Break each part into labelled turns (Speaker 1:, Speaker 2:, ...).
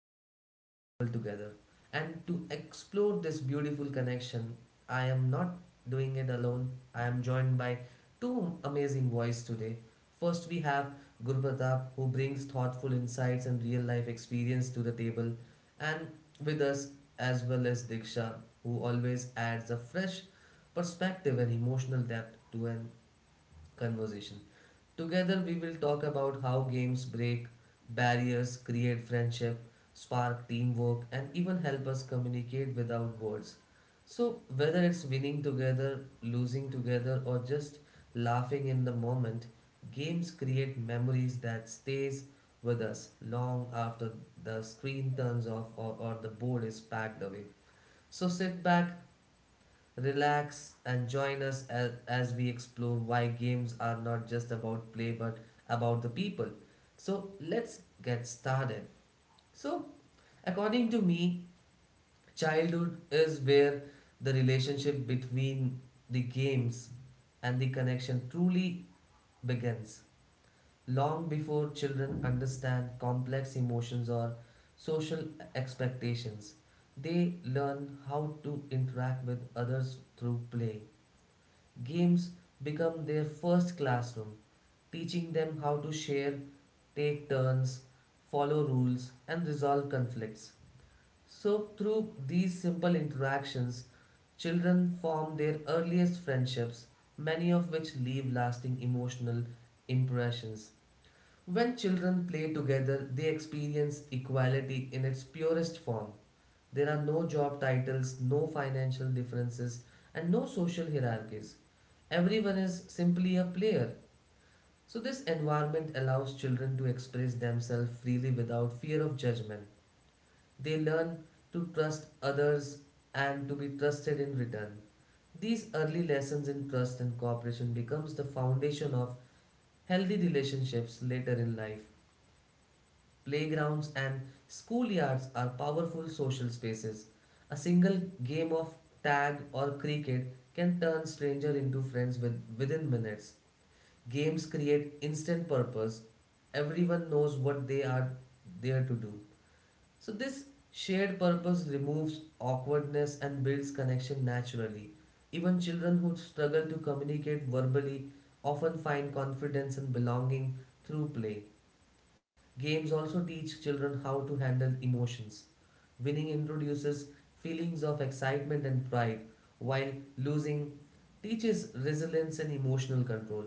Speaker 1: they bring people together. And to explore this beautiful connection, I am not doing it alone. I am joined by two amazing voices today. First, we have Guru Pratap, who brings thoughtful insights and real life experience to the table, and with us, as well as Diksha, who always adds a fresh perspective and emotional depth to an conversation. Together, we will talk about how games break barriers, create friendship, spark teamwork, and even help us communicate without words. So, whether it's winning together, losing together, or just laughing in the moment, games create memories that stays with us long after the screen turns off or the board is packed away. So sit back, relax and join us as we explore why games are not just about play but about the people. So, let's get started. So, according to me, childhood is where the relationship between the games and the connection truly begins. Long before children understand complex emotions or social expectations, they learn how to interact with others through play. Games become their first classroom, teaching them how to share, take turns, follow rules, and resolve conflicts. So, through these simple interactions, children form their earliest friendships, many of which leave lasting emotional impressions. When children play together, they experience equality in its purest form. There are no job titles, no financial differences, and no social hierarchies. Everyone is simply a player. So, this environment allows children to express themselves freely without fear of judgment. They learn to trust others and to be trusted in return. These early lessons in trust and cooperation becomes the foundation of healthy relationships later in life. Playgrounds and schoolyards are powerful social spaces. A single game of tag or cricket can turn strangers into friends within minutes. Games create instant purpose. Everyone knows what they are there to do. So, this shared purpose removes awkwardness and builds connection naturally. Even children who struggle to communicate verbally often find confidence and belonging through play. Games also teach children how to handle emotions. Winning introduces feelings of excitement and pride, while losing teaches resilience and emotional control.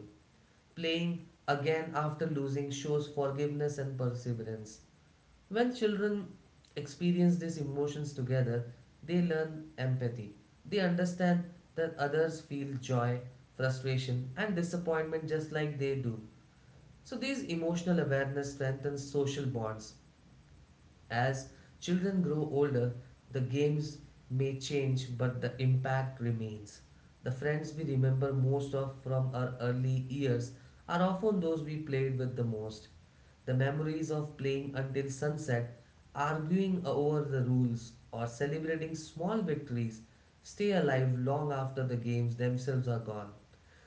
Speaker 1: Playing again after losing shows forgiveness and perseverance. When children experience these emotions together, they learn empathy. They understand that others feel joy, frustration, and disappointment just like they do. So, these emotional awareness strengthens social bonds as children grow older, the games may change, but the impact remains. The friends we remember most of from our early years are often those we played with the most. The memories of playing until sunset, arguing over the rules, or celebrating small victories stay alive long after the games themselves are gone.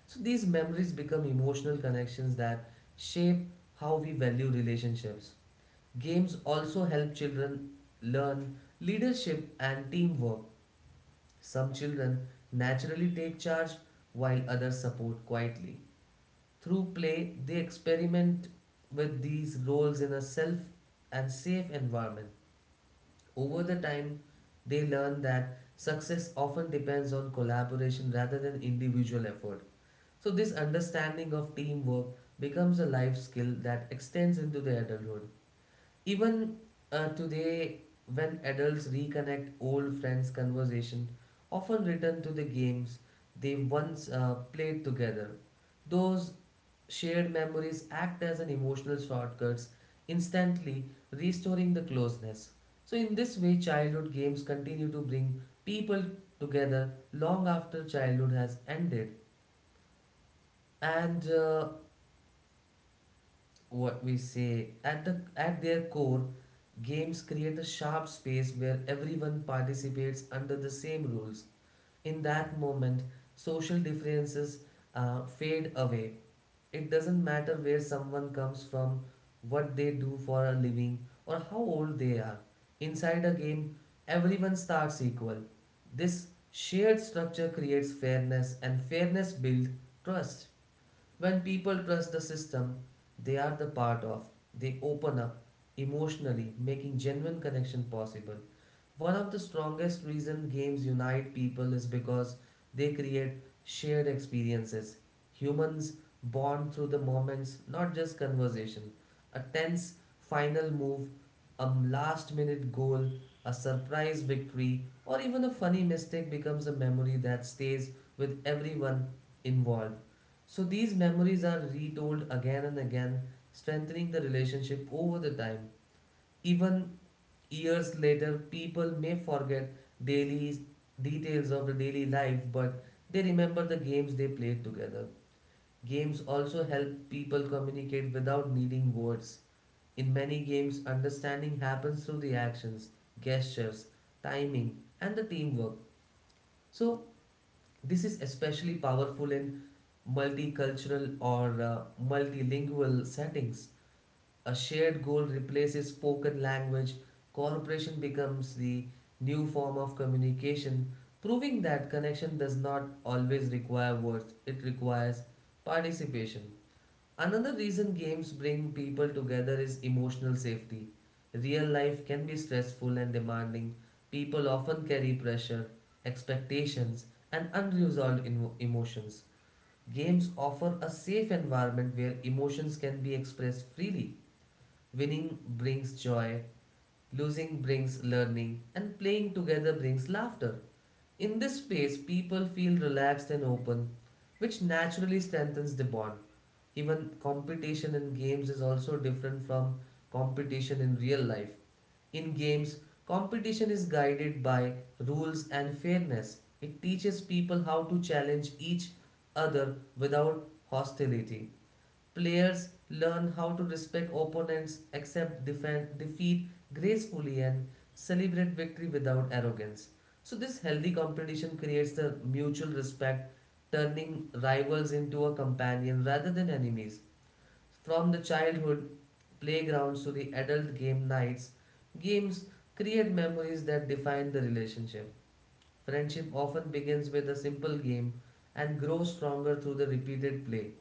Speaker 1: So these memories become emotional connections that shape how we value relationships. Games also help children learn leadership and teamwork. Some children naturally take charge while others support quietly. Through play, they experiment with these roles in a self and safe environment. Over the time, they learn that success often depends on collaboration rather than individual effort. So, this understanding of teamwork becomes a life skill that extends into their adulthood. Even today, when adults reconnect old friends' conversation, often return to the games they once played together. Those shared memories act as an emotional shortcuts, instantly restoring the closeness. So, in this way, childhood games continue to bring people together long after childhood has ended. And what we say at the at their core games create a sharp space where everyone participates under the same rules in that moment social differences fade away, it doesn't matter where someone comes from, what they do for a living, or how old they are, inside a game everyone starts equal. This shared structure creates fairness and fairness builds trust. When people trust the system they are the part of, they open up emotionally, making genuine connection possible. One of the strongest reason games unite people is because they create shared experiences. Humans bond through the moments, not just conversation. A tense final move, a last minute goal, a surprise victory, or even a funny mistake becomes a memory that stays with everyone involved. So these memories are retold again and again, strengthening the relationship over the time. Even years later, people may forget daily details of the daily life, but they remember the games they played together. Games also help people communicate without needing words. In many games, understanding happens through the actions, gestures, timing, and the teamwork. So, this is especially powerful in multicultural or multilingual settings. A shared goal replaces spoken language, cooperation becomes the new form of communication, proving that connection does not always require words, it requires participation. Another reason games bring people together is emotional safety. Real life can be stressful and demanding. People often carry pressure, expectations, and unresolved emotions. Games offer a safe environment where emotions can be expressed freely. Winning brings joy, losing brings learning, and playing together brings laughter. In this space, people feel relaxed and open, which naturally strengthens the bond. Even competition in games is also different from competition in real life. In games, competition is guided by rules and fairness. It teaches people how to challenge each other without hostility. Players learn how to respect opponents, defeat gracefully, and celebrate victory without arrogance. So, this healthy competition creates the mutual respect, turning rivals into a companion rather than enemies. From the childhood playgrounds to the adult game nights, games create memories that define the relationship. Friendship often begins with a simple game and grows stronger through the repeated play.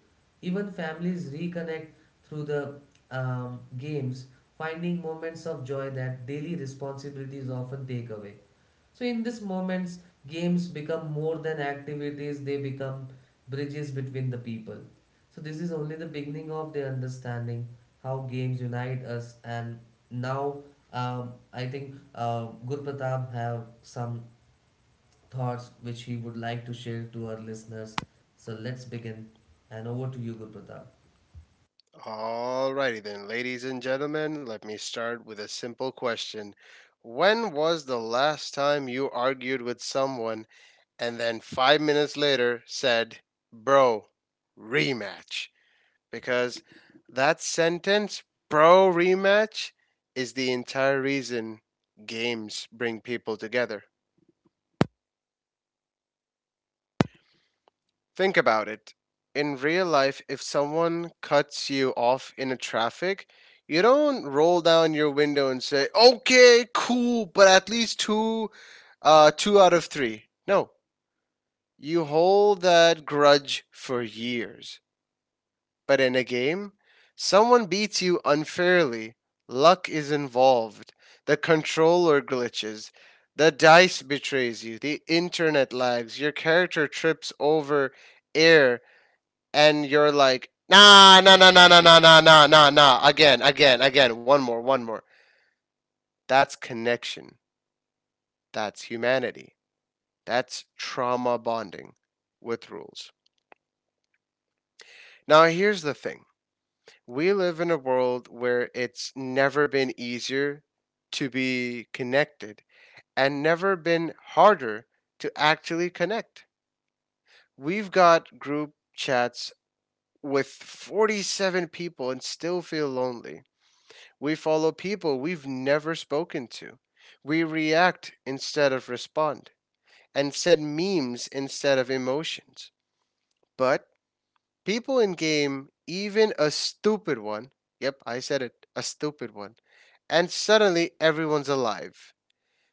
Speaker 1: Even families reconnect through the games, finding moments of joy that daily responsibilities often take away. So, in these moments, games become more than activities, they become bridges between the people. So, this is only the beginning of the understanding how games unite us. And now, I think Gurpratap have some thoughts which he would like to share to our listeners. So let's begin. And over to you, Guru.
Speaker 2: Alrighty then, ladies and gentlemen, let me start with a simple question. When was the last time you argued with someone and then 5 minutes later said, "Bro, rematch?" Because that sentence, "Bro, rematch," is the entire reason games bring people together. Think about it. In real life, if someone cuts you off in a traffic, you don't roll down your window and say, "Okay, cool, but at least two uh 2 out of 3." No, you hold that grudge for years. But in a game, someone beats you unfairly. Luck is involved. The controller glitches. The dice betrays you. The internet lags. Your character trips over air, and you're like, nah, nah, nah, nah, nah, nah, nah, nah, nah, nah, again, again, again, one more, one more. That's connection. That's humanity. That's trauma bonding with rules. Now, here's the thing. We live in a world where it's never been easier to be connected and never been harder to actually connect. We've got group chats with 47 people and still feel lonely. We follow people we've never spoken to. We react instead of respond and send memes instead of emotions. But people in game, even a stupid one, yep, I said it, a stupid one, and suddenly everyone's alive.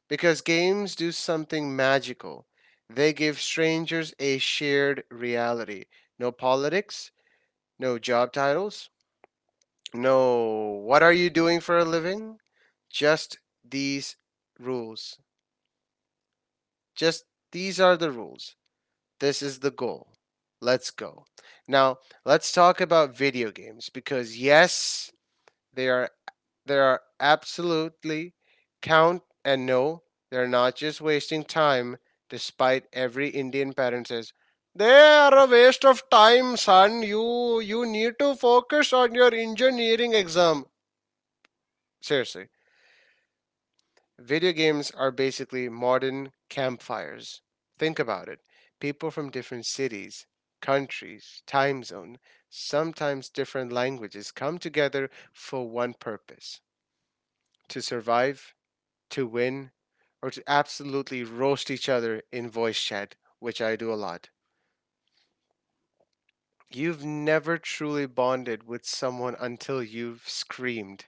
Speaker 2: Because games do something magical. They give strangers a shared reality. No politics, no job titles, no. What are you doing for a living? Just these rules. Just these are the rules. This is the goal. Let's go. Now, let's talk about video games because yes, they are they are absolutely count, and no, they're not just wasting time despite every Indian parent says, "They are a waste of time, son. You need to focus on your engineering exam." Seriously. Video games are basically modern campfires. Think about it. People from different cities, countries, time zone, sometimes different languages come together for one purpose: to survive, to win, or to absolutely roast each other in voice chat, which I do a lot. You've never truly bonded with someone until you've screamed,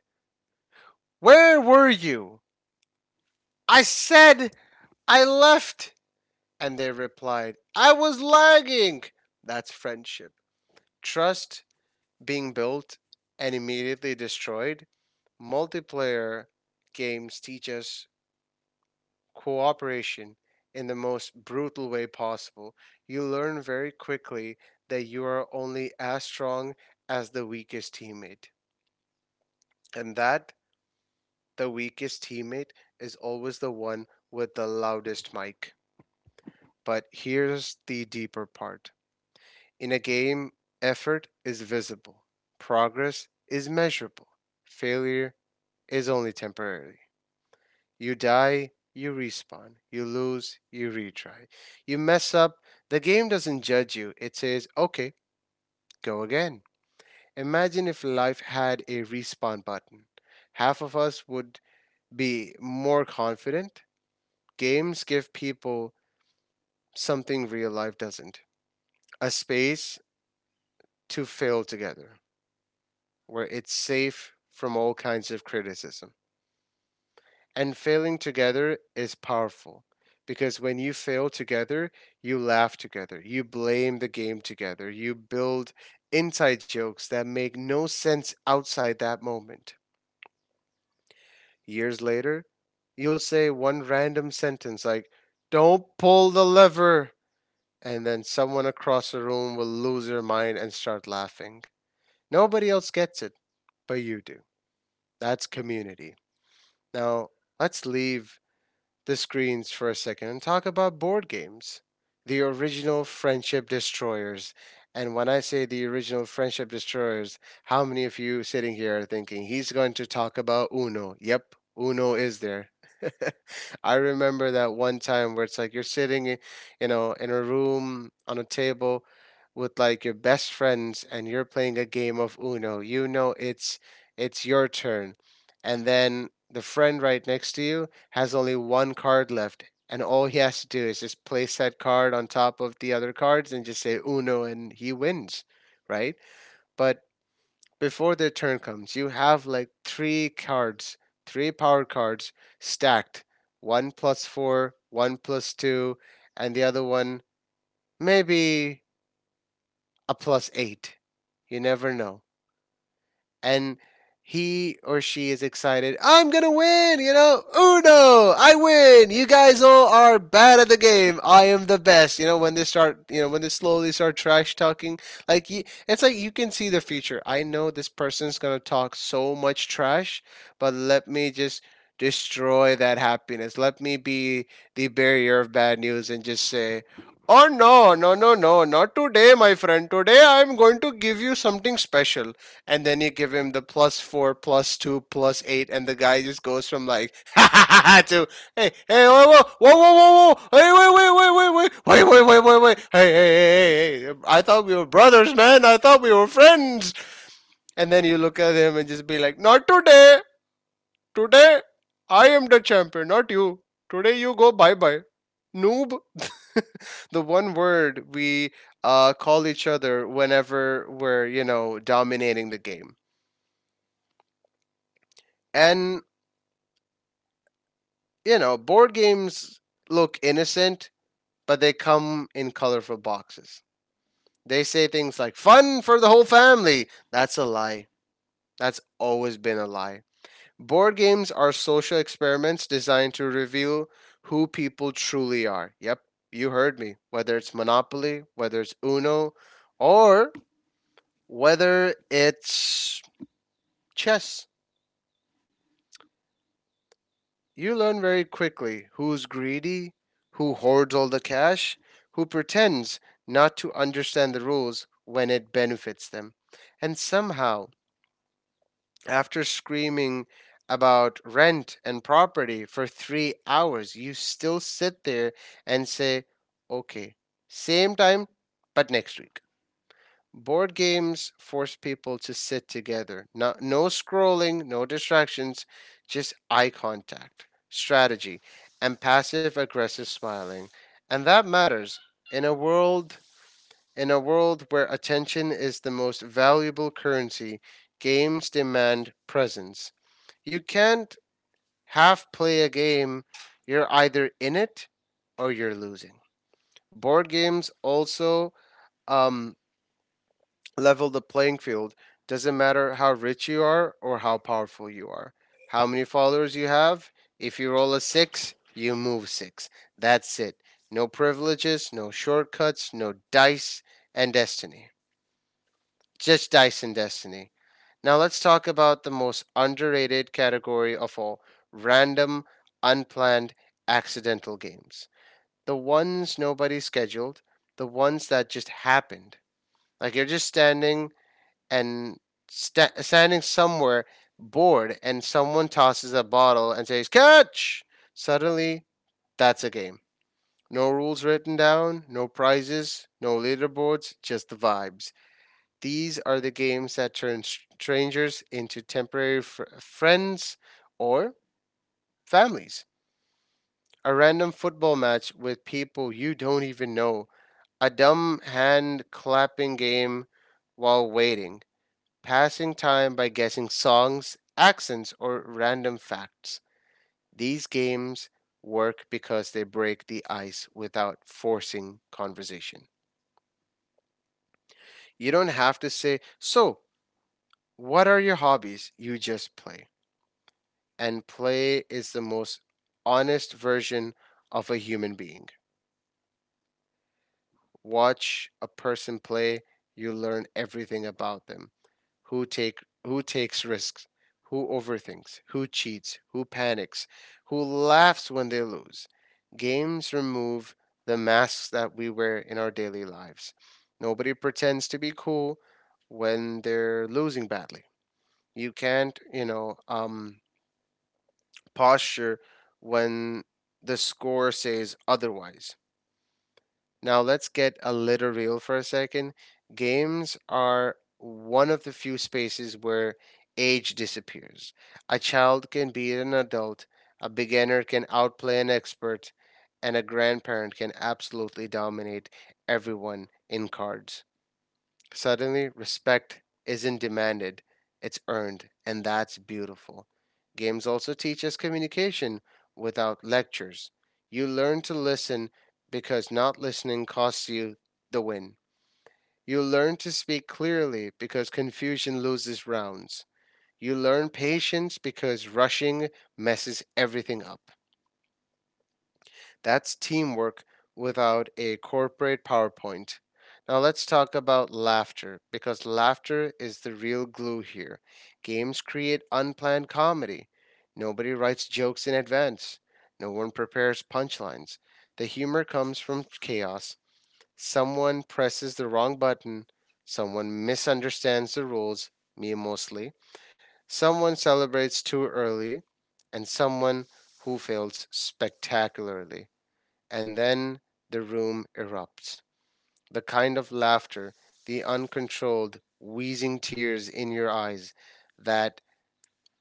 Speaker 2: "Where were you? I said I left!" And they replied, "I was lagging." That's friendship. Trust being built and immediately destroyed. Multiplayer games teach us cooperation in the most brutal way possible. You learn very quickly that you are only as strong as the weakest teammate, and that the weakest teammate is always the one with the loudest mic. But here's the deeper part. In a game, effort is visible, progress is measurable, failure is only temporary. You die, you respawn, you lose, you retry. You mess up, the game doesn't judge you, it says, "Okay, go again." Imagine if life had a respawn button. Half of us would be more confident. Games give people something real life doesn't: a space to fail together, where it's safe from all kinds of criticism. And failing together is powerful because when you fail together, you laugh together, you blame the game together, you build inside jokes that make no sense outside that moment. Years later, you'll say one random sentence like, "Don't pull the lever!" And then someone across the room will lose their mind and start laughing. Nobody else gets it, but you do. That's community. Now, let's leave the screens for a second and talk about board games. The original Friendship Destroyers. And when I say the original Friendship Destroyers, how many of you sitting here are thinking he's going to talk about Uno? Yep, Uno is there. I remember that one time where it's like you're sitting, eh, you know, in a room on a table with like your best friends and you're playing a game of Uno. You know it's your turn. And then the friend right next to you has only one card left, and all he has to do is just place that card on top of the other cards and just say uno, and he wins, right? But before their turn comes, you have like three cards, three power cards stacked, one plus four, one plus two, and the other one maybe a plus eight. You never know. And he or she is excited. "I'm gonna win, you know. Uno, I win. You guys all are bad at the game. I am the best." You know when they start, you know when they slowly start trash talking. Like it's like you can see the future. I know this person's gonna talk so much trash, but let me just destroy that happiness. Let me be the barrier of bad news and just say, "Oh no, no, no, no, not today, my friend. Today I am going to give you something special." And then you give him the plus four, plus two, plus eight, and the guy just goes from like ha ha ha ha, to hey, hey, whoa, whoa, whoa, whoa, whoa, whoa, hey, wait, wait, wait, wait, wait, wait, wait, wait, wait, wait, hey, hey, hey, hey, hey, "I thought we were brothers, man. I thought we were friends." And then you look at him and just be like, "Not today. Today, I am the champion, not you. Today, you go bye bye, noob." The one word we call each other whenever we're, you know, dominating the game. And you know, board games look innocent, but they come in colorful boxes. They say things like fun for the whole family. That's a lie. That's always been a lie. Board games are social experiments designed to reveal who people truly are. Yep, you heard me. Whether it's Monopoly, whether it's Uno, or whether it's chess. You learn very quickly who's greedy, who hoards all the cash, who pretends not to understand the rules when it benefits them. And somehow, after screaming about rent and property for 3 hours, you still sit there and say, "Okay, same time, but next week." Board games force people to sit together. Not, no scrolling, no distractions, just eye contact, strategy, and passive aggressive smiling. And that matters in a world, where attention is the most valuable currency. Games demand presence. You can't half play a game. You're either in it or you're losing. Board games also um, level the playing field. Doesn't matter how rich you are or how powerful you are. How many followers you have? If you roll a six, you move six. That's it. No privileges, no shortcuts, no dice and destiny. Just dice and destiny. Now let's talk about the most underrated category of all: random, unplanned, accidental games. The ones nobody scheduled, the ones that just happened. Like you're just standing and standing somewhere bored and someone tosses a bottle and says catch. Suddenly that's a game. No rules written down, no prizes, no leaderboards, just the vibes. These are the games that turn strangers into temporary friends, or families. A random football match with people you don't even know, a dumb hand clapping game while waiting, passing time by guessing songs, accents, or random facts. These games work because they break the ice without forcing conversation. You don't have to say, "So, what are your hobbies?" You just play. And play is the most honest version of a human being. Watch a person play, you learn everything about them. Who take who takes risks, who overthinks, who cheats, who panics, who laughs when they lose. Games remove the masks that we wear in our daily lives. Nobody pretends to be cool when they're losing badly. You can't, you know, posture when the score says otherwise. Now let's get a little real for a second. Games are one of the few spaces where age disappears. A child can be an adult, a beginner can outplay an expert, and a grandparent can absolutely dominate everyone in cards. Suddenly, respect isn't demanded, it's earned, and that's beautiful. Games also teach us communication without lectures. You learn to listen because not listening costs you the win. You learn to speak clearly because confusion loses rounds. You learn patience because rushing messes everything up. That's teamwork without a corporate PowerPoint. Now let's talk about laughter because laughter is the real glue here. Games create unplanned comedy. Nobody writes jokes in advance. No one prepares punchlines. The humor comes from chaos. Someone presses the wrong button. Someone misunderstands the rules, me mostly. Someone celebrates too early. And someone who fails spectacularly. And then the room erupts. The kind of laughter, the uncontrolled, wheezing tears in your eyes that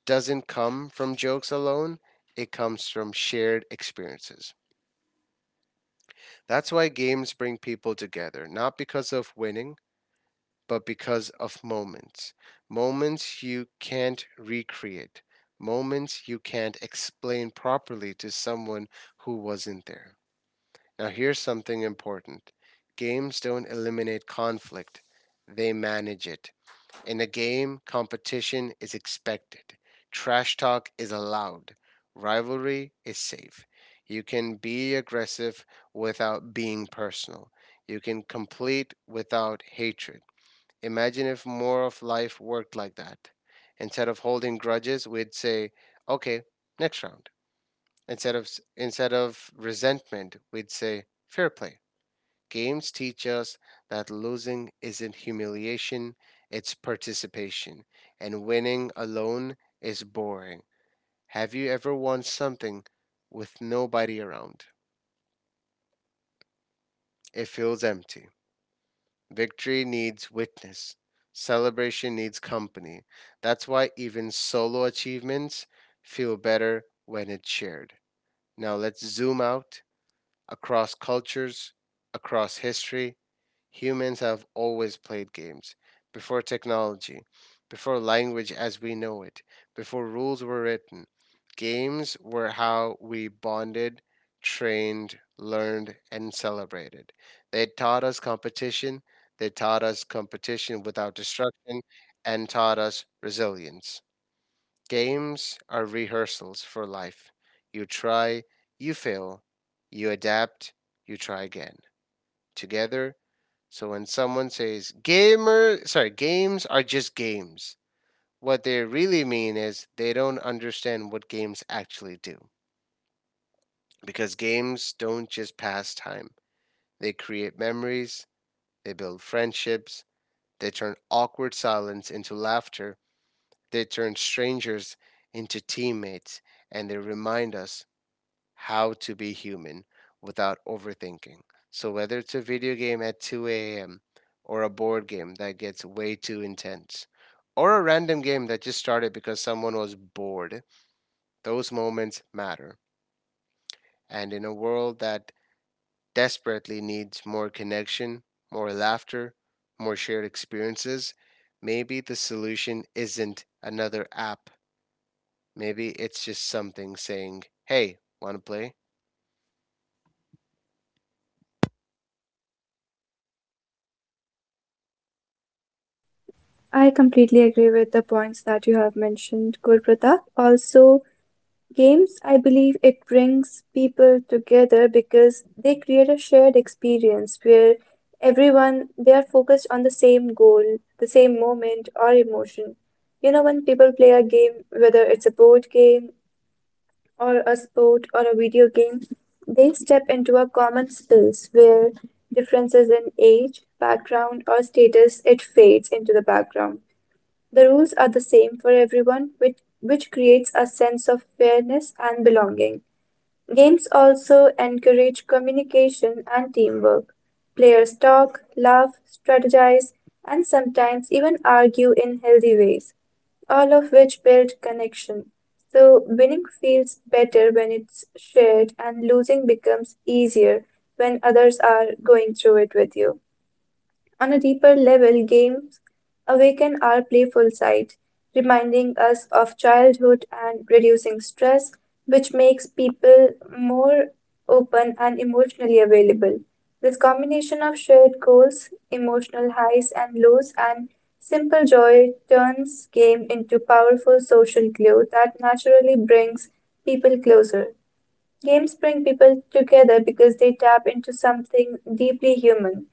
Speaker 2: doesn't come from jokes alone, it comes from shared experiences. That's why games bring people together, not because of winning, but because of moments. Moments you can't recreate, moments you can't explain properly to someone who wasn't there. Now, here's something important. Games don't eliminate conflict, they manage it. In a game, competition is expected, trash talk is allowed, rivalry is safe. You can be aggressive without being personal, you can complete without hatred. Imagine if more of life worked like that. Instead of holding grudges, we'd say, okay, next round. Instead of, instead of resentment, we'd say, fair play. Games teach us that losing isn't humiliation, it's participation, and winning alone is boring. Have you ever won something with nobody around? It feels empty. Victory needs witness, celebration needs company. That's why even solo achievements feel better when it's shared. Now let's zoom out. Across cultures, across history, humans have always played games. Before technology, before language as we know it, before rules were written, games were how we bonded, trained, learned, and celebrated. They taught us competition, they taught us competition without destruction, and taught us resilience. Games are rehearsals for life. You try, you fail, you adapt, you try again. Together. So when someone says gamer, sorry, games are just games, what they really mean is they don't understand what games actually do. Because games don't just pass time. They create memories, they build friendships, they turn awkward silence into laughter, they turn strangers into teammates, and they remind us how to be human without overthinking. So, whether it's a video game at 2 a.m., or a board game that gets way too intense, or a random game that just started because someone was bored, those moments matter. And in a world that desperately needs more connection, more laughter, more shared experiences, maybe the solution isn't another app. Maybe it's just something saying, hey, want to play?
Speaker 3: I completely agree with the points that you have mentioned, Gurpratap. Also, games, I believe it brings people together because they create a shared experience where everyone they are focused on the same goal, the same moment or emotion. When people play a game, whether it's a board game or a sport or a video game, they step into a common space where differences in age, background, or status it fades into the background. The rules are the same for everyone, which creates a sense of fairness and belonging. Games also encourage communication and teamwork. Players talk, laugh, strategize, and sometimes even argue in healthy ways, all of which build connection. So, winning feels better when it's shared, and losing becomes easier when others are going through it with you. On a deeper level, games awaken our playful side, reminding us of childhood and reducing stress, which makes people more open and emotionally available. This combination of shared goals, emotional highs and lows, and simple joy turns game into powerful social glue that naturally brings people closer. Games bring people together because they tap into something deeply human,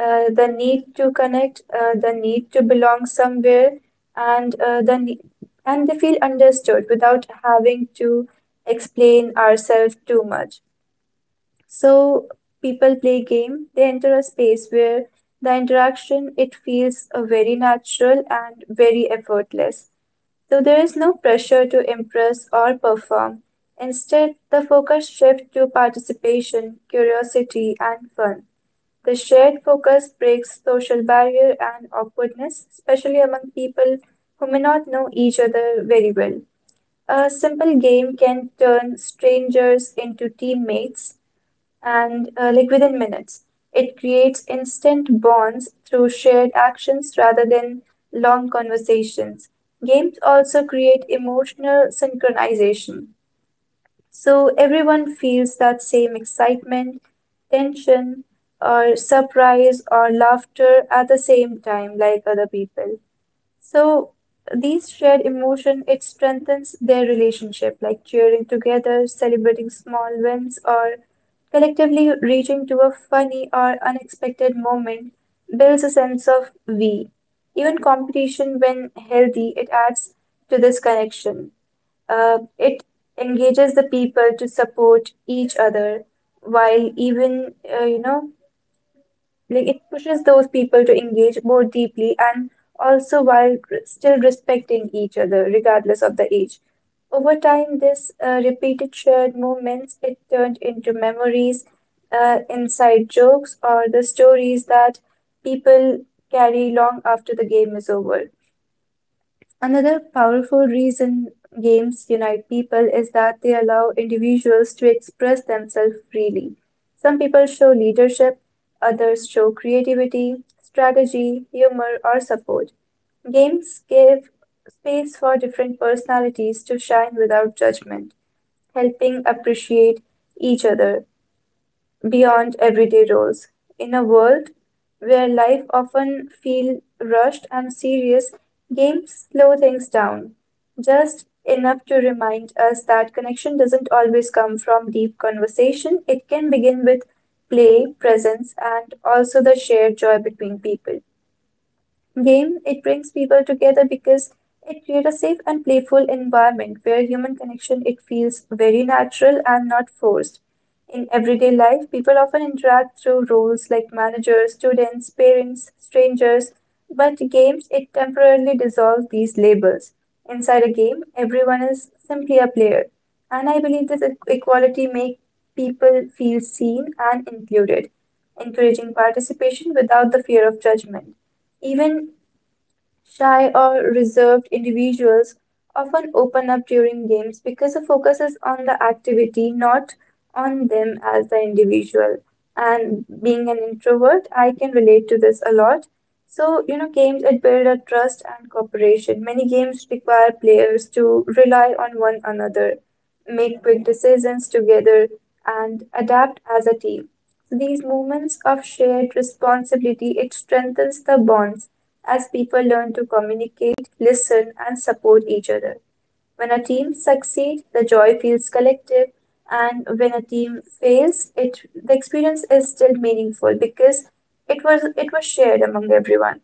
Speaker 3: the need to connect, the need to belong somewhere, and uh, the ne- and they feel understood without having to explain ourselves too much. So, people play game. They enter a space where the interaction it feels very natural and very effortless. So, there is no pressure to impress or perform. Instead, the focus shifts to participation, curiosity, and fun. The shared focus breaks social barrier and awkwardness, especially among people who may not know each other very well. A simple game can turn strangers into teammates and like within minutes. It creates instant bonds through shared actions rather than long conversations. Games also create emotional synchronization, so everyone feels that same excitement, tension, or surprise or laughter at the same time, like other people. So, these shared emotion it strengthens their relationship, like cheering together, celebrating small wins, or collectively reaching to a funny or unexpected moment builds a sense of we. Even competition, when healthy, it adds to this connection. It engages the people to support each other while even, uh, you know, like it pushes those people to engage more deeply, and also while still respecting each other, regardless of the age. Over time, this repeated shared moments, it turned into memories, inside jokes, or the stories that people carry long after the game is over. Another powerful reason games unite people is that they allow individuals to express themselves freely. Some people show leadership, others show creativity, strategy, humor, or support. Games give space for different personalities to shine without judgment, helping appreciate each other beyond everyday roles. In a world where life often feels rushed and serious, games slow things down, just enough to remind us that connection doesn't always come from deep conversation. It can begin with play, presence, and also the shared joy between people game, it brings people together because it creates a safe and playful environment where human connection it feels very natural and not forced. In everyday life, people often interact through roles like managers, students, parents, strangers, but games it temporarily dissolve these labels. Inside a game, everyone is simply a player, and I believe this equality makes people feel seen and included, encouraging participation without the fear of judgment. Even shy or reserved individuals often open up during games because the focus is on the activity, not on them as the individual. And being an introvert, I can relate to this a lot. So, games it build a trust and cooperation. Many games require players to rely on one another, make quick decisions together, and adapt as a team. So, these moments of shared responsibility, it strengthens the bonds as people learn to communicate, listen, and support each other. When a team succeeds, the joy feels collective, and when a team fails, it the experience is still meaningful because it was shared among everyone.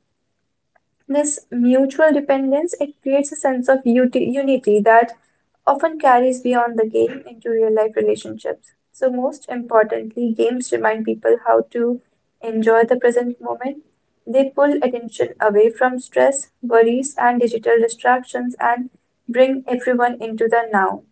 Speaker 3: This mutual dependence it creates a sense of unity that often carries beyond the game into real life relationships. So, most importantly, games remind people how to enjoy the present moment. They pull attention away from stress, worries, and digital distractions and bring everyone into the now.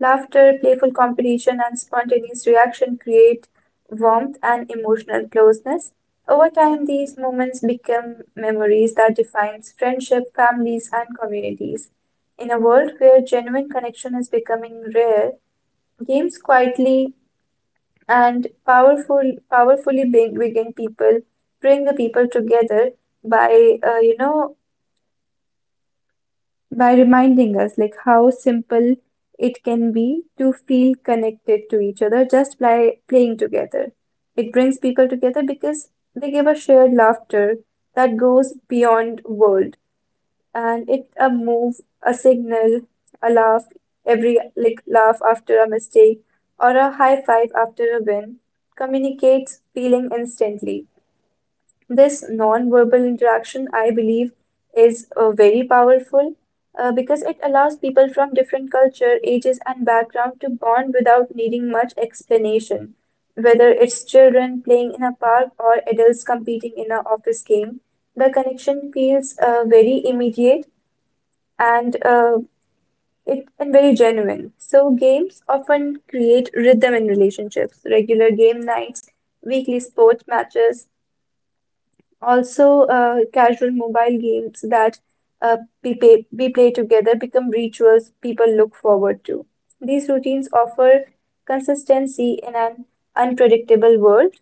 Speaker 3: Laughter, playful competition, and spontaneous reaction create warmth and emotional closeness. Over time, these moments become memories that defines friendship, families, and communities. In a world where genuine connection is becoming rare, games quietly and powerfully bring the people together by reminding us like how simple it can be to feel connected to each other just by playing together. It brings people together because they give a shared laughter that goes beyond world, and it a move, a signal, a laugh, every like laugh after a mistake or a high five after a win communicates feeling instantly. This non-verbal interaction, I believe, is very powerful, because it allows people from different culture, ages, and background to bond without needing much explanation. Whether it's children playing in a park or adults competing in an office game, the connection feels very immediate and uh, and very genuine. So, games often create rhythm in relationships. Regular game nights, weekly sports matches, also, casual mobile games that uh, be played together become rituals people look forward to. These routines offer consistency in an unpredictable world,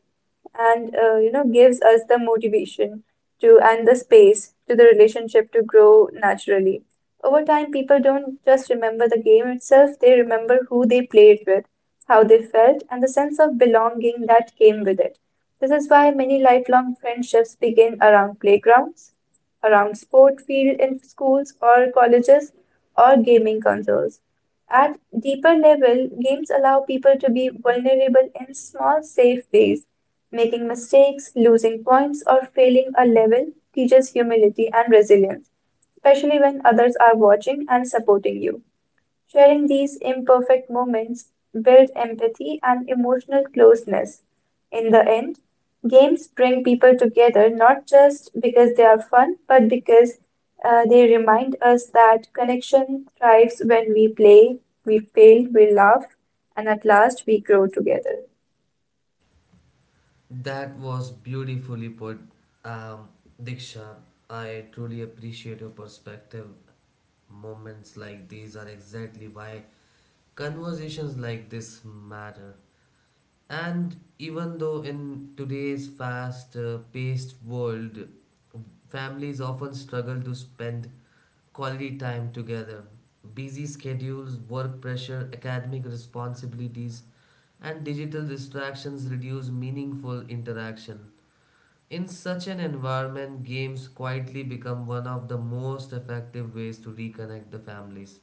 Speaker 3: and gives us the motivation to, and the space to, the relationship to grow naturally. Over time, people don't just remember the game itself, they remember who they played with, how they felt, and the sense of belonging that came with it. This is why many lifelong friendships begin around playgrounds, around sport field in schools or colleges, or gaming consoles. At deeper level, games allow people to be vulnerable in small safe ways. Making mistakes, losing points, or failing a level teaches humility and resilience, especially when others are watching and supporting you. Sharing these imperfect moments build empathy and emotional closeness. In the end, games bring people together not just because they are fun, but because they remind us that connection thrives when we play, we fail, we laugh, and at last we grow together.
Speaker 1: That was beautifully put, um, Diksha. I truly appreciate your perspective. Moments like these are exactly why conversations like this matter. And even though in today's fast paced world, families often struggle to spend quality time together. Busy schedules, work pressure, academic responsibilities, and digital distractions reduce meaningful interaction. In such an environment, games quietly become one of the most effective ways to reconnect the families.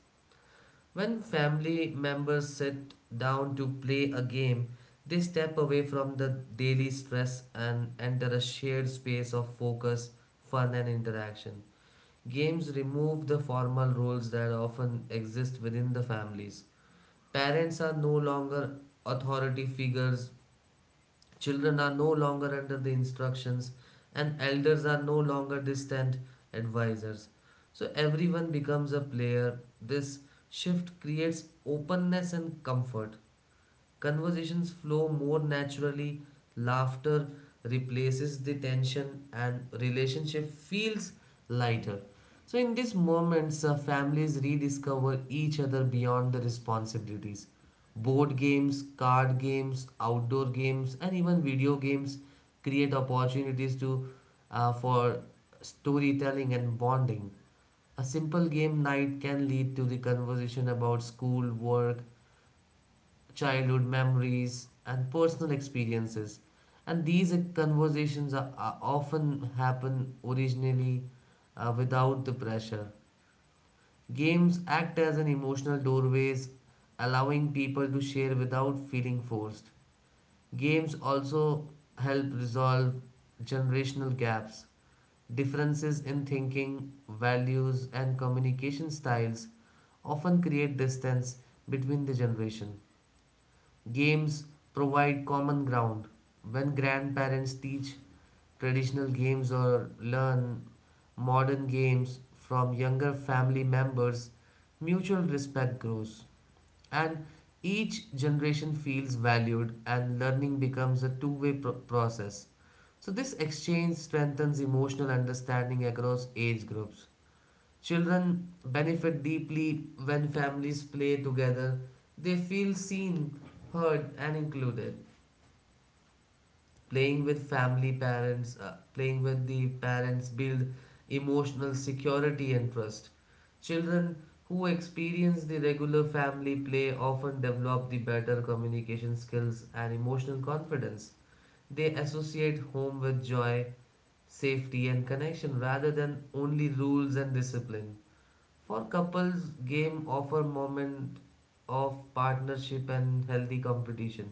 Speaker 1: When family members sit down to play a game, they step away from the daily stress and enter a shared space of focus, fun, and interaction. Games remove the formal roles that often exist within the families. Parents are no longer authority figures. Children are no longer under the instructions, and elders are no longer distant advisors. So everyone becomes a player. This shift creates openness and comfort. Conversations flow more naturally, laughter replaces the tension, and relationship feels lighter. So, in these moments, families rediscover each other beyond the responsibilities. Board games, card games, outdoor games, and even video games create opportunities to for storytelling and bonding. A simple game night can lead to the conversation about school, work, childhood memories, and personal experiences. And these conversations are often happen originally without the pressure. Games act as an emotional doorways, allowing people to share without feeling forced. Games also help resolve generational gaps, differences in thinking, values, and communication styles often create distance between the generation. Games provide common ground. When grandparents teach traditional games or learn modern games from younger family members, mutual respect grows and each generation feels valued and learning becomes a two-way process. So this exchange strengthens emotional understanding across age groups. Children benefit deeply when families play together. They feel seen, heard, and included. Playing with family parents, playing with the parents build emotional security and trust. Children who experience the regular family play often develop the better communication skills and emotional confidence. They associate home with joy, safety, and connection rather than only rules and discipline. For couples, game offer moment of partnership and healthy competition.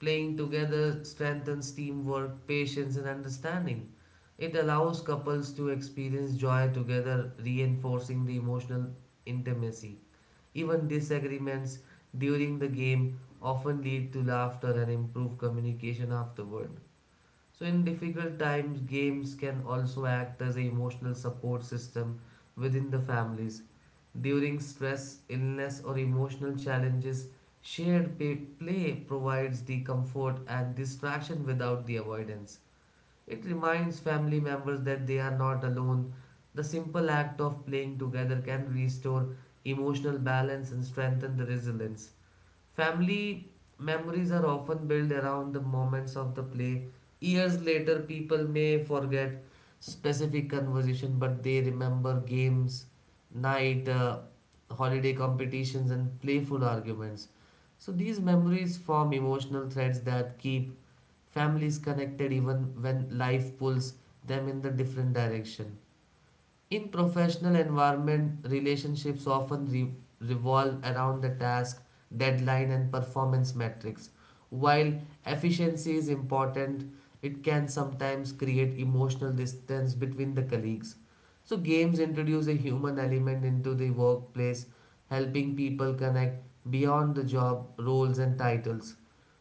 Speaker 1: Playing together strengthens teamwork, patience, and understanding. It allows couples to experience joy together, reinforcing the emotional intimacy. Even disagreements during the game often lead to laughter and improve communication afterward. So, in difficult times, games can also act as an emotional support system within the families. During stress, illness, or emotional challenges, shared play provides the comfort and distraction without the avoidance. It reminds family members that they are not alone. The simple act of playing together can restore emotional balance and strengthen the resilience. Family memories are often built around the moments of the play. Years later, people may forget specific conversation, but they remember games, night, holiday competitions, and playful arguments. So these memories form emotional threads that keep families connected even when life pulls them in the different direction. In professional environment, relationships often revolve around the task, deadline, and performance metrics. While efficiency is important, it can sometimes create emotional distance between the colleagues. So, games introduce a human element into the workplace, helping people connect beyond the job roles and titles.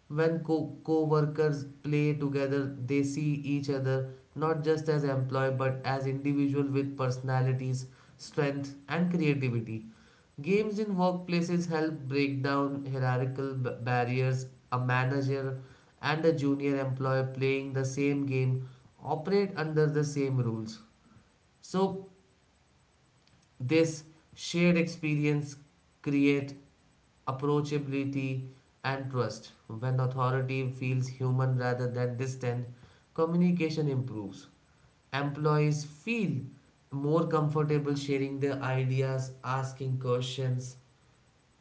Speaker 1: When co-workers play together, they see each other not just as employee but as individual with personalities, strength and creativity. Games in workplaces help break down hierarchical barriers. A manager and a junior employee playing the same game operate under the same rules. So this shared experience creates approachability and trust. When authority feels human rather than distant, communication improves. Employees feel more comfortable sharing their ideas, asking questions,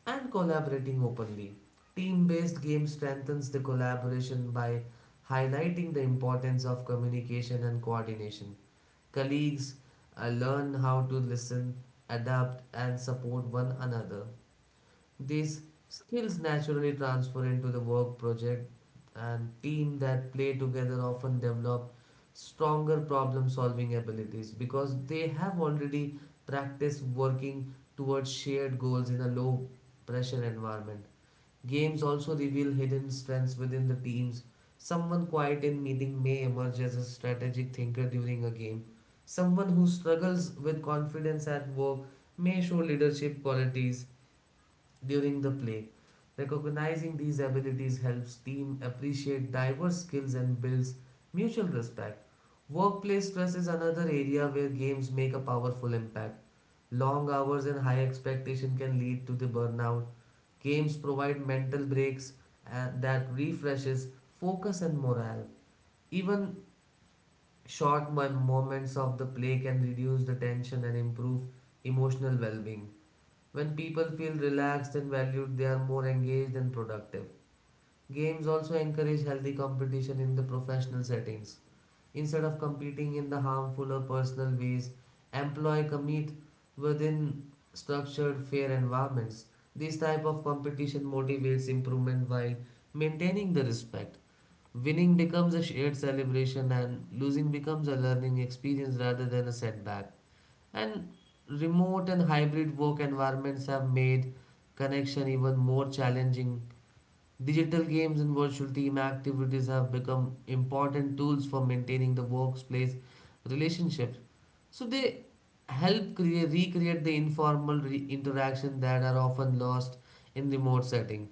Speaker 1: and collaborating openly. Team based game strengthens the collaboration by highlighting the importance of communication and coordination. Colleagues learn how to listen, adapt, and support one another. These skills naturally transfer into the work project, and team that play together often develop stronger problem solving abilities because they have already practiced working towards shared goals in a low pressure environment. Games also reveal hidden strengths within the teams. Someone quiet in meeting may emerge as a strategic thinker during a game. Someone who struggles with confidence at work may show leadership qualities during the play. Recognizing these abilities helps team appreciate diverse skills and builds mutual respect. Workplace stress is another area where games make a powerful impact. Long hours and high expectation can lead to the burnout. Games provide mental breaks that refreshes focus and morale. Even short moments of the play can reduce the tension and improve emotional well-being. When people feel relaxed and valued, they are more engaged and productive. Games also encourage healthy competition in the professional settings. Instead of competing in the harmful or personal ways, employ compete within structured, fair environments. This type of competition motivates improvement while maintaining the respect. Winning becomes a shared celebration and losing becomes a learning experience rather than a setback. And remote and hybrid work environments have made connection even more challenging. Digital games and virtual team activities have become important tools for maintaining the workplace relationships. So they help create, recreate the informal interaction that are often lost in remote setting.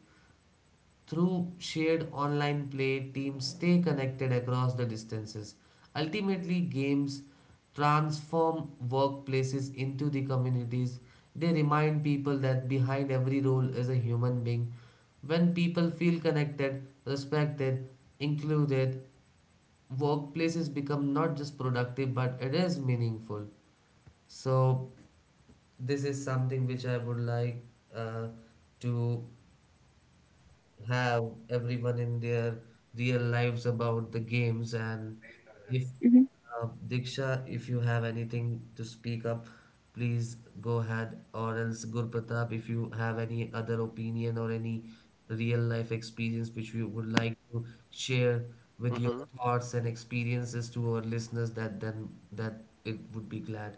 Speaker 1: Through shared online play, teams stay connected across the distances. Ultimately, games transform workplaces into the communities. They remind people that behind every role is a human being. When people feel connected, respected, included, workplaces become not just productive but it is meaningful. So, this is something which I would like uh, to have everyone in their real lives about the games and if
Speaker 3: Mhm.
Speaker 1: Diksha, if you have anything to speak up, please go ahead. Or else, Gurpratap, if you have any other opinion or any real life experience which you would like to share with your
Speaker 2: Mm-hmm.
Speaker 1: thoughts and experiences to our listeners, that then that it would be glad.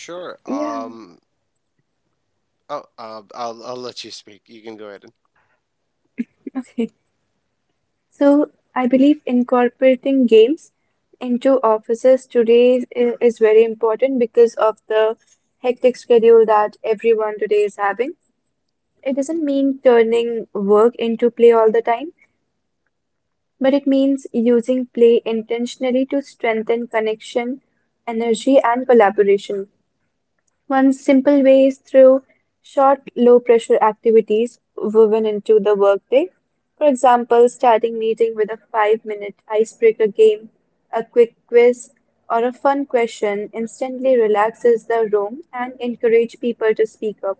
Speaker 2: Sure.
Speaker 3: Yeah.
Speaker 2: Oh, I'll let you speak. You can go ahead. And-
Speaker 3: So, I believe incorporating games into offices today is very important because of the hectic schedule that everyone today is having. It doesn't mean turning work into play all the time, but it means using play intentionally to strengthen connection, energy, and collaboration. One simple way is through short, low pressure activities woven into the workday. For example, starting meeting with a 5-minute icebreaker game, a quick quiz, or a fun question instantly relaxes the room and encourage people to speak up.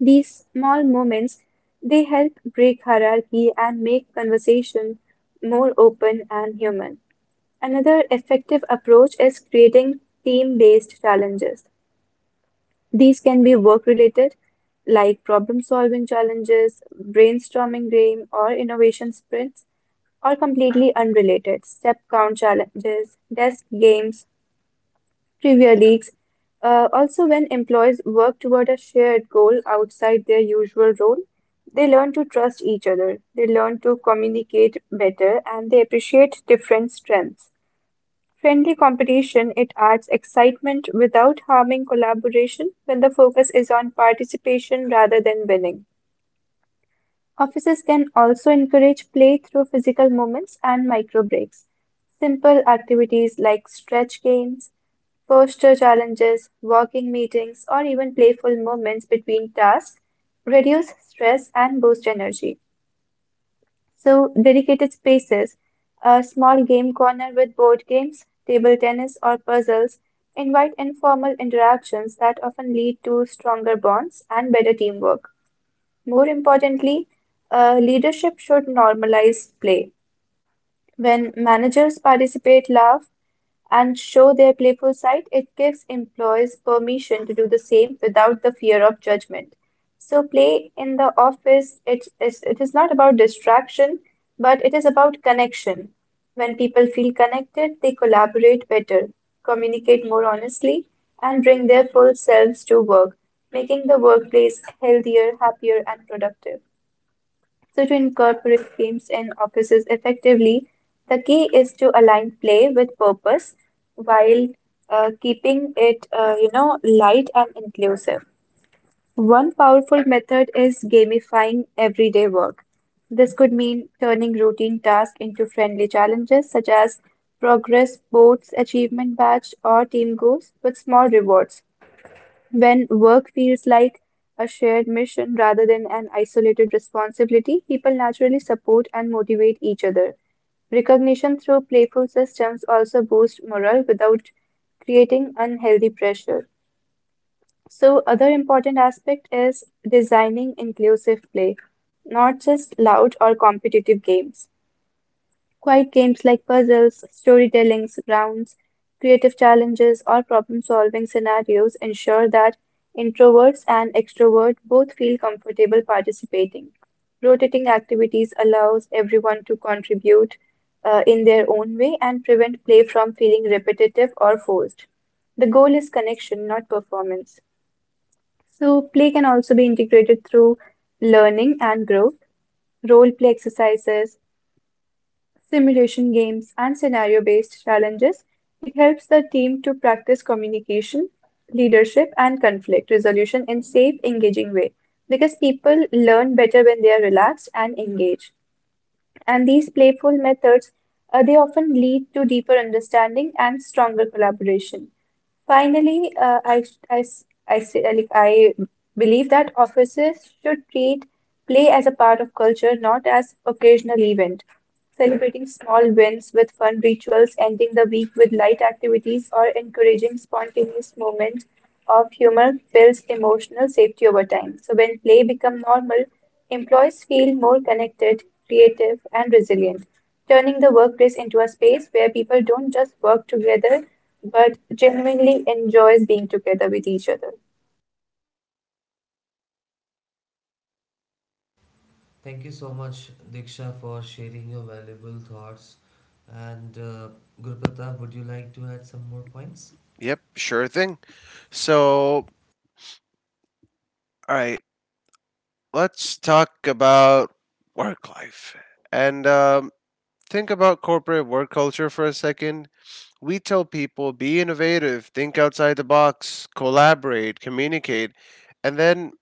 Speaker 3: These small moments they help break hierarchy and make conversation more open and human. Another effective approach is creating team based challenges. These can be work-related, like problem-solving challenges, brainstorming game, or innovation sprints, or completely unrelated, step count challenges, desk games, trivia leagues. Also, when employees work toward a shared goal outside their usual role, they learn to trust each other, they learn to communicate better, and they appreciate different strengths friendly competition, it adds excitement without harming collaboration when the focus is on participation rather than winning. Offices can also encourage play through physical movements and micro breaks. Simple activities like stretch games, posture challenges, walking meetings, or even playful moments between tasks reduce stress and boost energy. So, dedicated spaces, a small game corner with board games, table tennis, or puzzles invite informal interactions that often lead to stronger bonds and better teamwork. More importantly, leadership should normalize play. When managers participate, laugh, and show their playful side, it gives employees permission to do the same without the fear of judgment. So, play in the office, it is not about distraction, but it is about connection. When people feel connected, they collaborate better, communicate more honestly, and bring their full selves to work, making the workplace healthier, happier, and productive. So, to incorporate games in offices effectively, the key is to align play with purpose while keeping it, light and inclusive. One powerful method is gamifying everyday work. This could mean turning routine tasks into friendly challenges such as progress, sports, achievement badge, or team goals with small rewards. When work feels like a shared mission rather than an isolated responsibility, people naturally support and motivate each other. Recognition through playful systems also boosts morale without creating unhealthy pressure. So, other important aspect is designing inclusive play, not just loud or competitive games. Quiet games like puzzles, storytellings, rounds, creative challenges, or problem-solving scenarios ensure that introverts and extroverts both feel comfortable participating. Rotating activities allows everyone to contribute in their own way and prevent play from feeling repetitive or forced. The goal is connection, not performance. So, play can also be integrated through learning and growth, role play exercises, simulation games, and scenario-based challenges. It helps the team to practice communication, leadership, and conflict resolution in safe, engaging way because people learn better when they are relaxed and engaged. And these playful methods, they often lead to deeper understanding and stronger collaboration. Finally, I, sh- I, s- I say, like, I believe that offices should treat play as a part of culture, not as occasional event. Celebrating small wins with fun rituals, ending the week with light activities, or encouraging spontaneous moments of humor builds emotional safety over time. So when play becomes normal, employees feel more connected, creative, and resilient, turning the workplace into a space where people don't just work together but genuinely enjoys being together with each other.
Speaker 1: Thank you so much, Diksha, for sharing your valuable thoughts. And Guru Pratap, would you like to add some more points?
Speaker 2: Yep, sure thing. So, all right, let's talk about work life and think about corporate work culture for a second. We tell people be innovative, think outside the box, collaborate, communicate, and then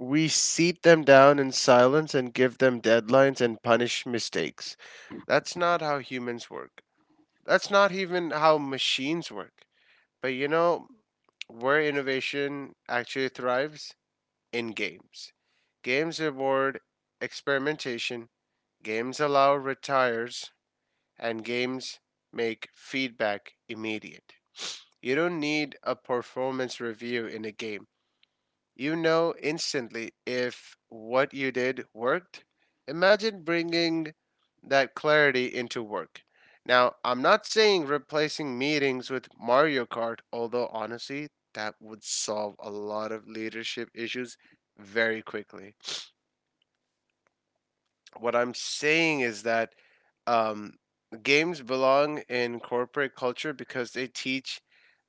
Speaker 2: we seat them down in silence and give them deadlines and punish mistakes. That's not how humans work. That's not even how machines work. But you know where innovation actually thrives? In games. Games reward experimentation, games allow retires, and games make feedback immediate. You don't need a performance review in a game. You know instantly if what you did worked. Imagine bringing that clarity into work. Now, I'm not saying replacing meetings with Mario Kart, although honestly, that would solve a lot of leadership issues very quickly. What I'm saying is that um, games belong in corporate culture because they teach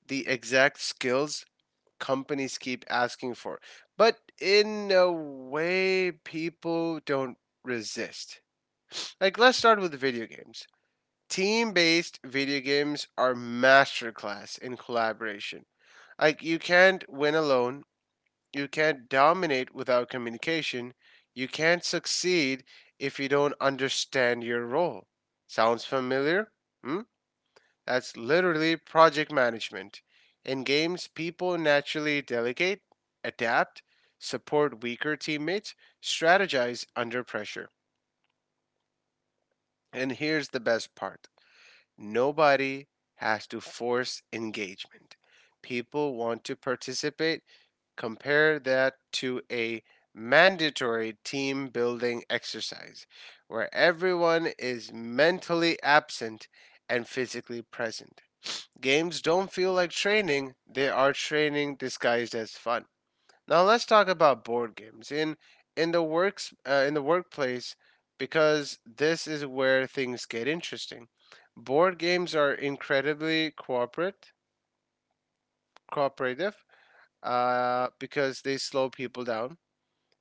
Speaker 2: the exact skills companies keep asking for. But in a way, people don't resist. Like, let's start with video games. Team based video games are masterclass in collaboration. Like, you can't win alone, you can't dominate without communication, you can't succeed if you don't understand your role. Sounds familiar? Hmm? That's literally project management. In games, people naturally delegate, adapt, support weaker teammates, strategize under pressure. And here's the best part, nobody has to force engagement. People want to participate. Compare that to a mandatory team building exercise where everyone is mentally absent and physically present. Games don't feel like training, they are training disguised as fun. Now let's talk about board games in the workplace because this is where things get interesting. Board games are incredibly cooperate cooperative because they slow people down.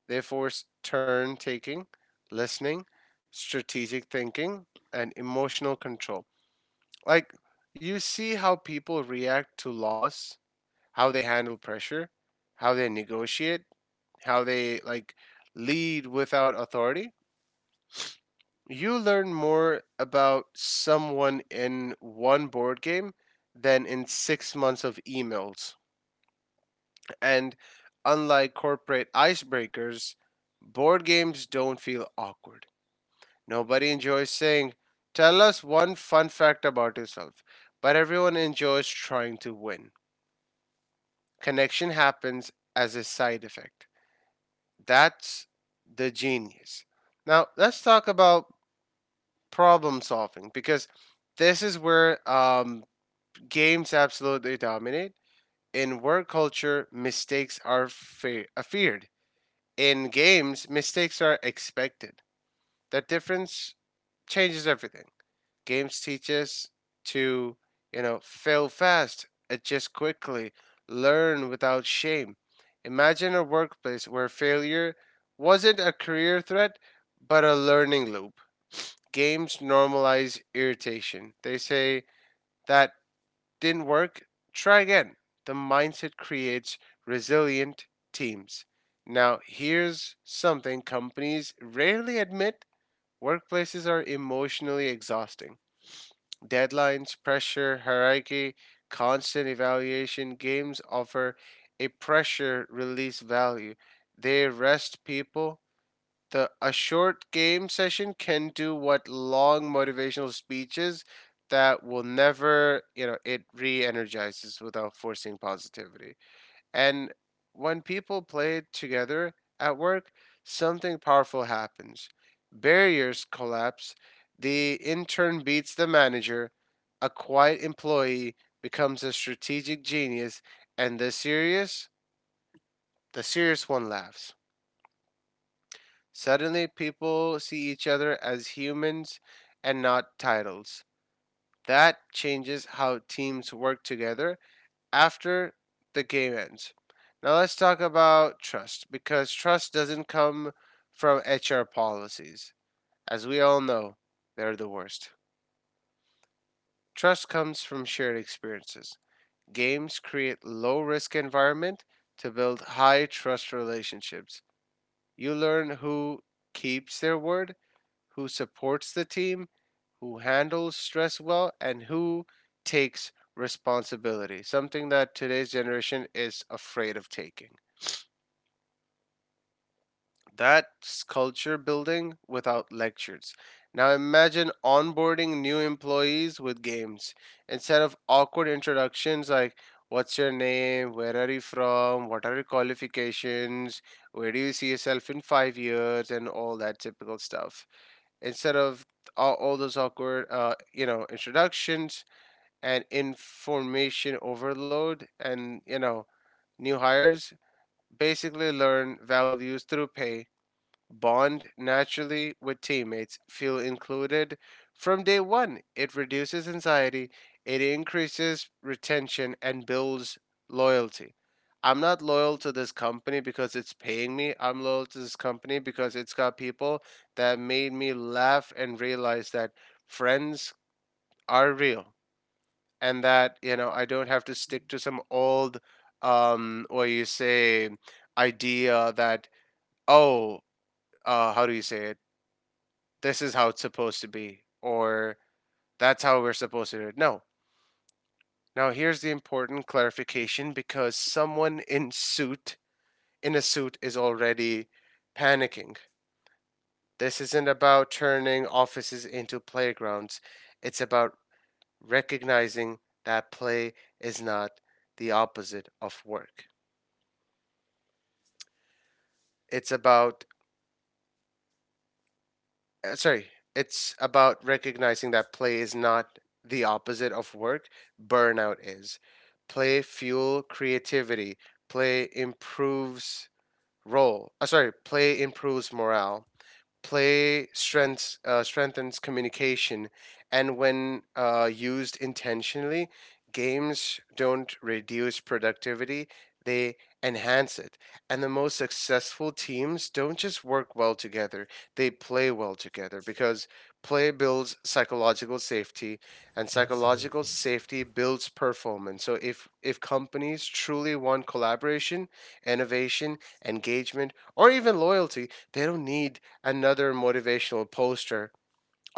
Speaker 2: They force turn taking, listening, strategic thinking, and emotional control. Like, you see how people react to loss, how they handle pressure, how they negotiate, how they like lead without authority. You learn more about someone in one board game than in 6 months of emails. And unlike corporate icebreakers, board games don't feel awkward. Nobody enjoys saying, tell us one fun fact about yourself, but everyone enjoys trying to win. Connection happens as a side effect. That's the genius. Now, let's talk about problem solving because this is where games absolutely dominate. In work culture, mistakes are feared. In games, mistakes are expected. That difference changes everything. Games teach us to, you know, fail fast, adjust quickly, learn without shame. Imagine a workplace where failure wasn't a career threat, but a learning loop. Games normalize irritation. They say that didn't work, try again. The mindset creates resilient teams. Now, here's something companies rarely admit, workplaces are emotionally exhausting. Deadlines, pressure, hierarchy, constant evaluation. Games offer a pressure release value. They rest people. The a short game session can do what long motivational speeches that will never, you know, it re-energizes without forcing positivity. And when people play together at work, something powerful happens. Barriers collapse, the intern beats the manager, a quiet employee becomes a strategic genius, and the serious one laughs. Suddenly, people see each other as humans and not titles. That changes how teams work together after the game ends. Now let's talk about trust because trust doesn't come from HR policies. As we all know, they're the worst. Trust comes from shared experiences. Games create low risk environment to build high trust relationships. You learn who keeps their word, who supports the team, who handles stress well, and who takes responsibility, something that today's generation is afraid of taking. That culture building without lectures. Now imagine onboarding new employees with games. Instead of awkward introductions like what's your name, where are you from, what are your qualifications, where do you see yourself in 5 years and all that typical stuff. Instead of all those awkward you know, introductions and information overload and you know, new hires basically learn values through pay, bond naturally with teammates, feel included from day one. It reduces anxiety, it increases retention, and builds loyalty. I'm not loyal to this company because it's paying me. I'm loyal to this company because it's got people that made me laugh and realize that friends are real and that, you know, I don't have to stick to some old, what you say, idea that, oh, how do you say it? This is how it's supposed to be or that's how we're supposed to do it. No. Now here's the important clarification because someone in a suit is already panicking. This isn't about turning offices into playgrounds. It's about recognizing that play is not the opposite of work. It's about uh, sorry, it's about recognizing that play is not the opposite of work, burnout is. Play fuel creativity, play improves role. Sorry, play improves morale. Play strengths strengthens communication, and when used intentionally, games don't reduce productivity; they enhance it. And the most successful teams don't just work well together; they play well together because play builds psychological safety, and psychological
Speaker 1: Absolutely.
Speaker 2: safety builds performance. So if companies truly want collaboration, innovation, engagement, or even loyalty, they don't need another motivational poster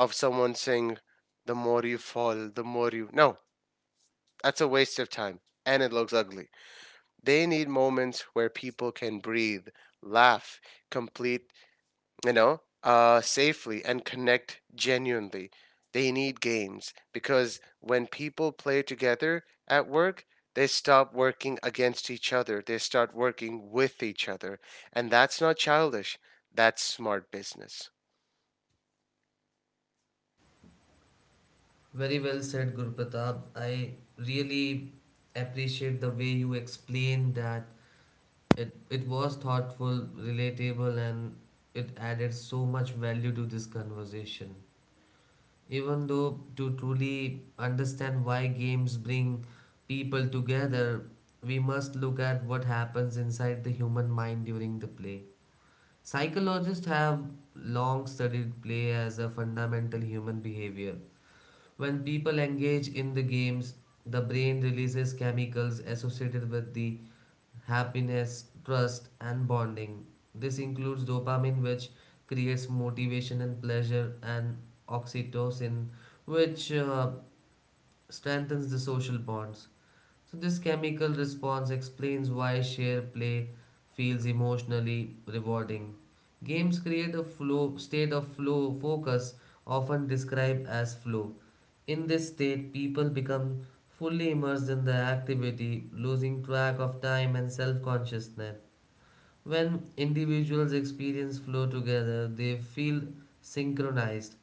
Speaker 2: of someone saying, the more you fall, the more you. No, that's a waste of time and it looks ugly. They need moments where people can breathe, laugh, complete, you know, safely and connect genuinely. They need games because when people play together at work, they stop working against each other. They start working with each other. And that's not childish, that's smart business.
Speaker 1: Very well said, Guru Pratap. I really appreciate the way you explained that it was thoughtful, relatable, and it added so much value to this conversation. Even though to truly understand why games bring people together, we must look at what happens inside the human mind during the play. Psychologists have long studied play as a fundamental human behavior. When people engage in the games, the brain releases chemicals associated with the happiness, trust, and bonding. This includes dopamine, which creates motivation and pleasure, and oxytocin, which strengthens the social bonds. So, this chemical response explains why share play feels emotionally rewarding. Games create a flow state of flow focus, often described as flow. In this state, people become fully immersed in the activity, losing track of time and self consciousness. When individuals experience flow together, they feel synchronized.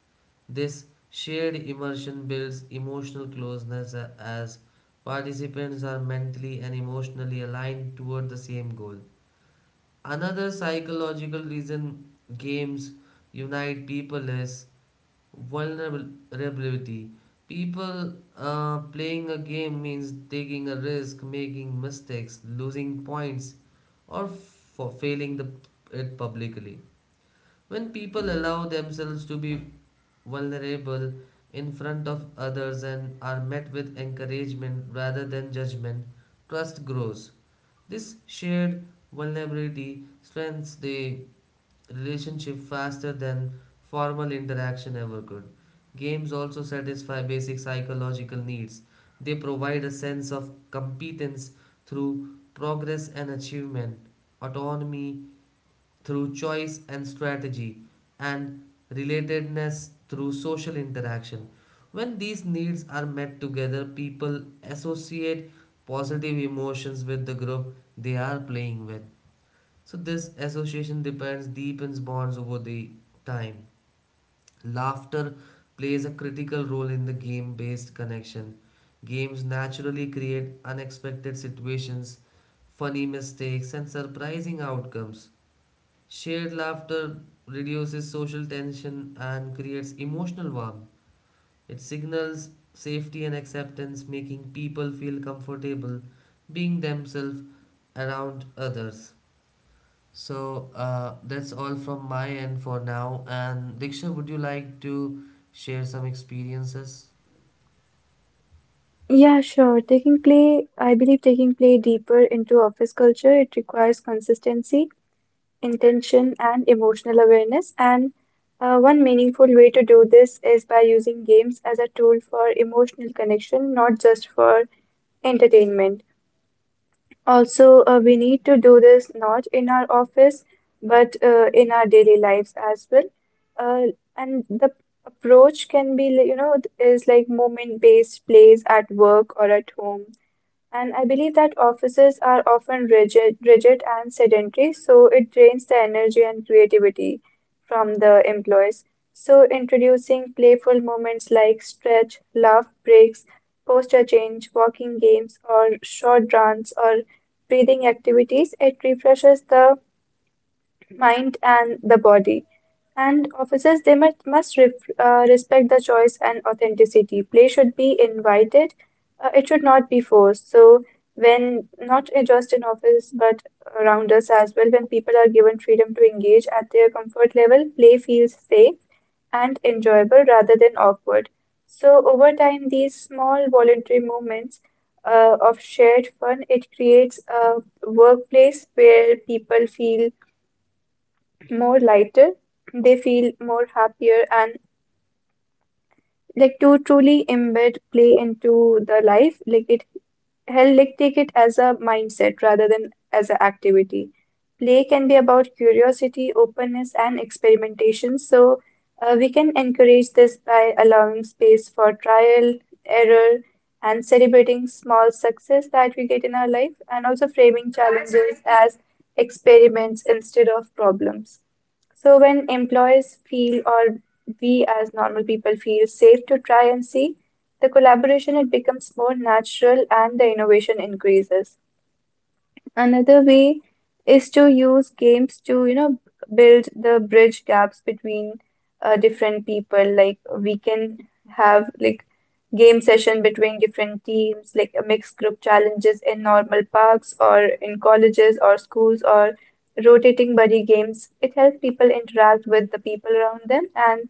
Speaker 1: This shared immersion builds emotional closeness as participants are mentally and emotionally aligned toward the same goal. Another psychological reason games unite people is vulnerability. People playing a game means taking a risk, making mistakes, losing points, or for failing the, it publicly. When people allow themselves to be vulnerable in front of others and are met with encouragement rather than judgment, trust grows. This shared vulnerability strengthens the relationship faster than formal interaction ever could. Games also satisfy basic psychological needs. They provide a sense of competence through progress and achievement, autonomy through choice and strategy, and relatedness through social interaction. When these needs are met together, people associate positive emotions with the group they are playing with. So this association depends deepens bonds over the time. Laughter plays a critical role in the game-based connection. Games naturally create unexpected situations, funny mistakes, and surprising outcomes. Shared laughter reduces social tension and creates emotional warmth. It signals safety and acceptance, making people feel comfortable being themselves around others. So that's all from my end for now. And Diksha, would you like to share some experiences?
Speaker 3: Yeah, sure. Taking play, I believe taking play deeper into office culture, it requires consistency, intention, and emotional awareness. And one meaningful way to do this is by using games as a tool for emotional connection, not just for entertainment. Also, we need to do this not in our office, but in our daily lives as well. Uh, and the approach can be, is like moment-based plays at work or at home, and I believe that offices are often rigid and sedentary, so it drains the energy and creativity from the employees. So introducing playful moments like stretch, laugh breaks, posture change, walking games, or short runs or breathing activities, it refreshes the mind and the body. And officers, they must respect the choice and authenticity. Play should be invited, it should not be forced. So, when not just in office but around us as well, when people are given freedom to engage at their comfort level, play feels safe and enjoyable rather than awkward. So, over time, these small voluntary movements of shared fun, it creates a workplace where people feel more lighter. They feel more happier and like to truly embed play into the life, like it help like take it as a mindset rather than as an activity. Play can be about curiosity, openness, and experimentation. So we can encourage this by allowing space for trial, error, and celebrating small success that we get in our life, and also framing challenges as experiments instead of problems. So when employees feel or we as normal people feel safe to try and see the collaboration, it becomes more natural and the innovation increases. Another way is to use games to, you know, build the bridge gaps between different people. Like we can have like game session between different teams, like a mixed group challenges in normal parks or in colleges or schools or rotating buddy games. It helps people interact with the people around them and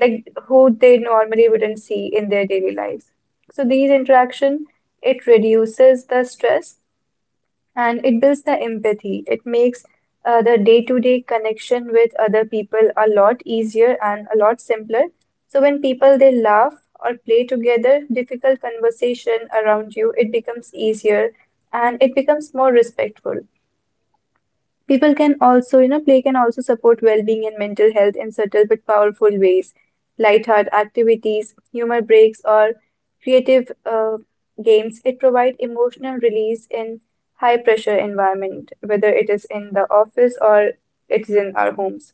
Speaker 3: like who they normally wouldn't see in their daily lives. So these interaction it reduces the stress and it builds the empathy. It makes the day-to-day connection with other people a lot easier and a lot simpler. So when people they laugh or play together, difficult conversation around you, it becomes easier and it becomes more respectful. People can also, you know, play can also support well-being and mental health in subtle but powerful ways. Lightheart activities, humor breaks, or creative games, it provide emotional release in high-pressure environment, whether it is in the office or it is in our homes.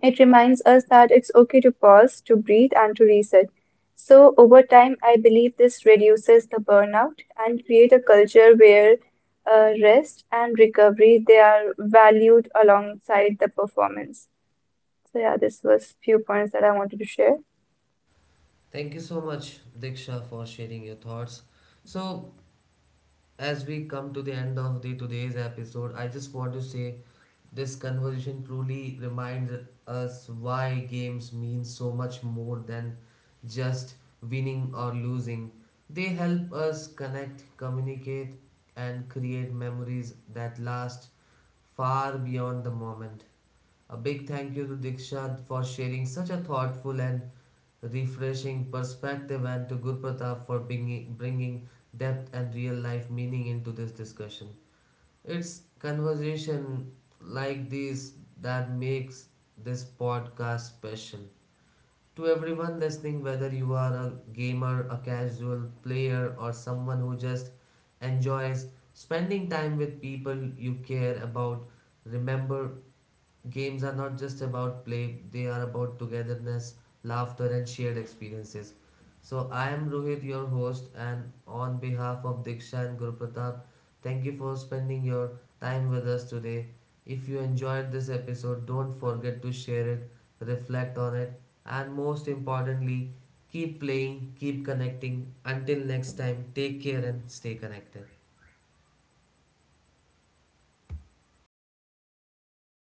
Speaker 3: It reminds us that it's okay to pause, to breathe, and to reset. So, over time, I believe this reduces the burnout and create a culture where rest and recovery they are valued alongside the performance. So, yeah, this was few points that I wanted to share.
Speaker 1: Thank you so much, Diksha, for sharing your thoughts. So as we come to the end of the today's episode, I just want to say this conversation truly reminds us why games mean so much more than just winning or losing. They help us connect, communicate, and create memories that last far beyond the moment. A big thank you to Diksha for sharing such a thoughtful and refreshing perspective, and to Guru Pratap for bringing depth and real life meaning into this discussion. It's conversation like these that makes this podcast special. To everyone listening, whether you are a gamer, a casual player, or someone who just enjoys spending time with people you care about, remember games are not just about play, they are about togetherness, laughter, and shared experiences. So, I am Rohit, your host, and on behalf of Diksha and Guru Pratap, thank you for spending your time with us today. If you enjoyed this episode, don't forget to share it, reflect on it, and most importantly, keep playing, keep connecting. Until next time, take care and stay connected.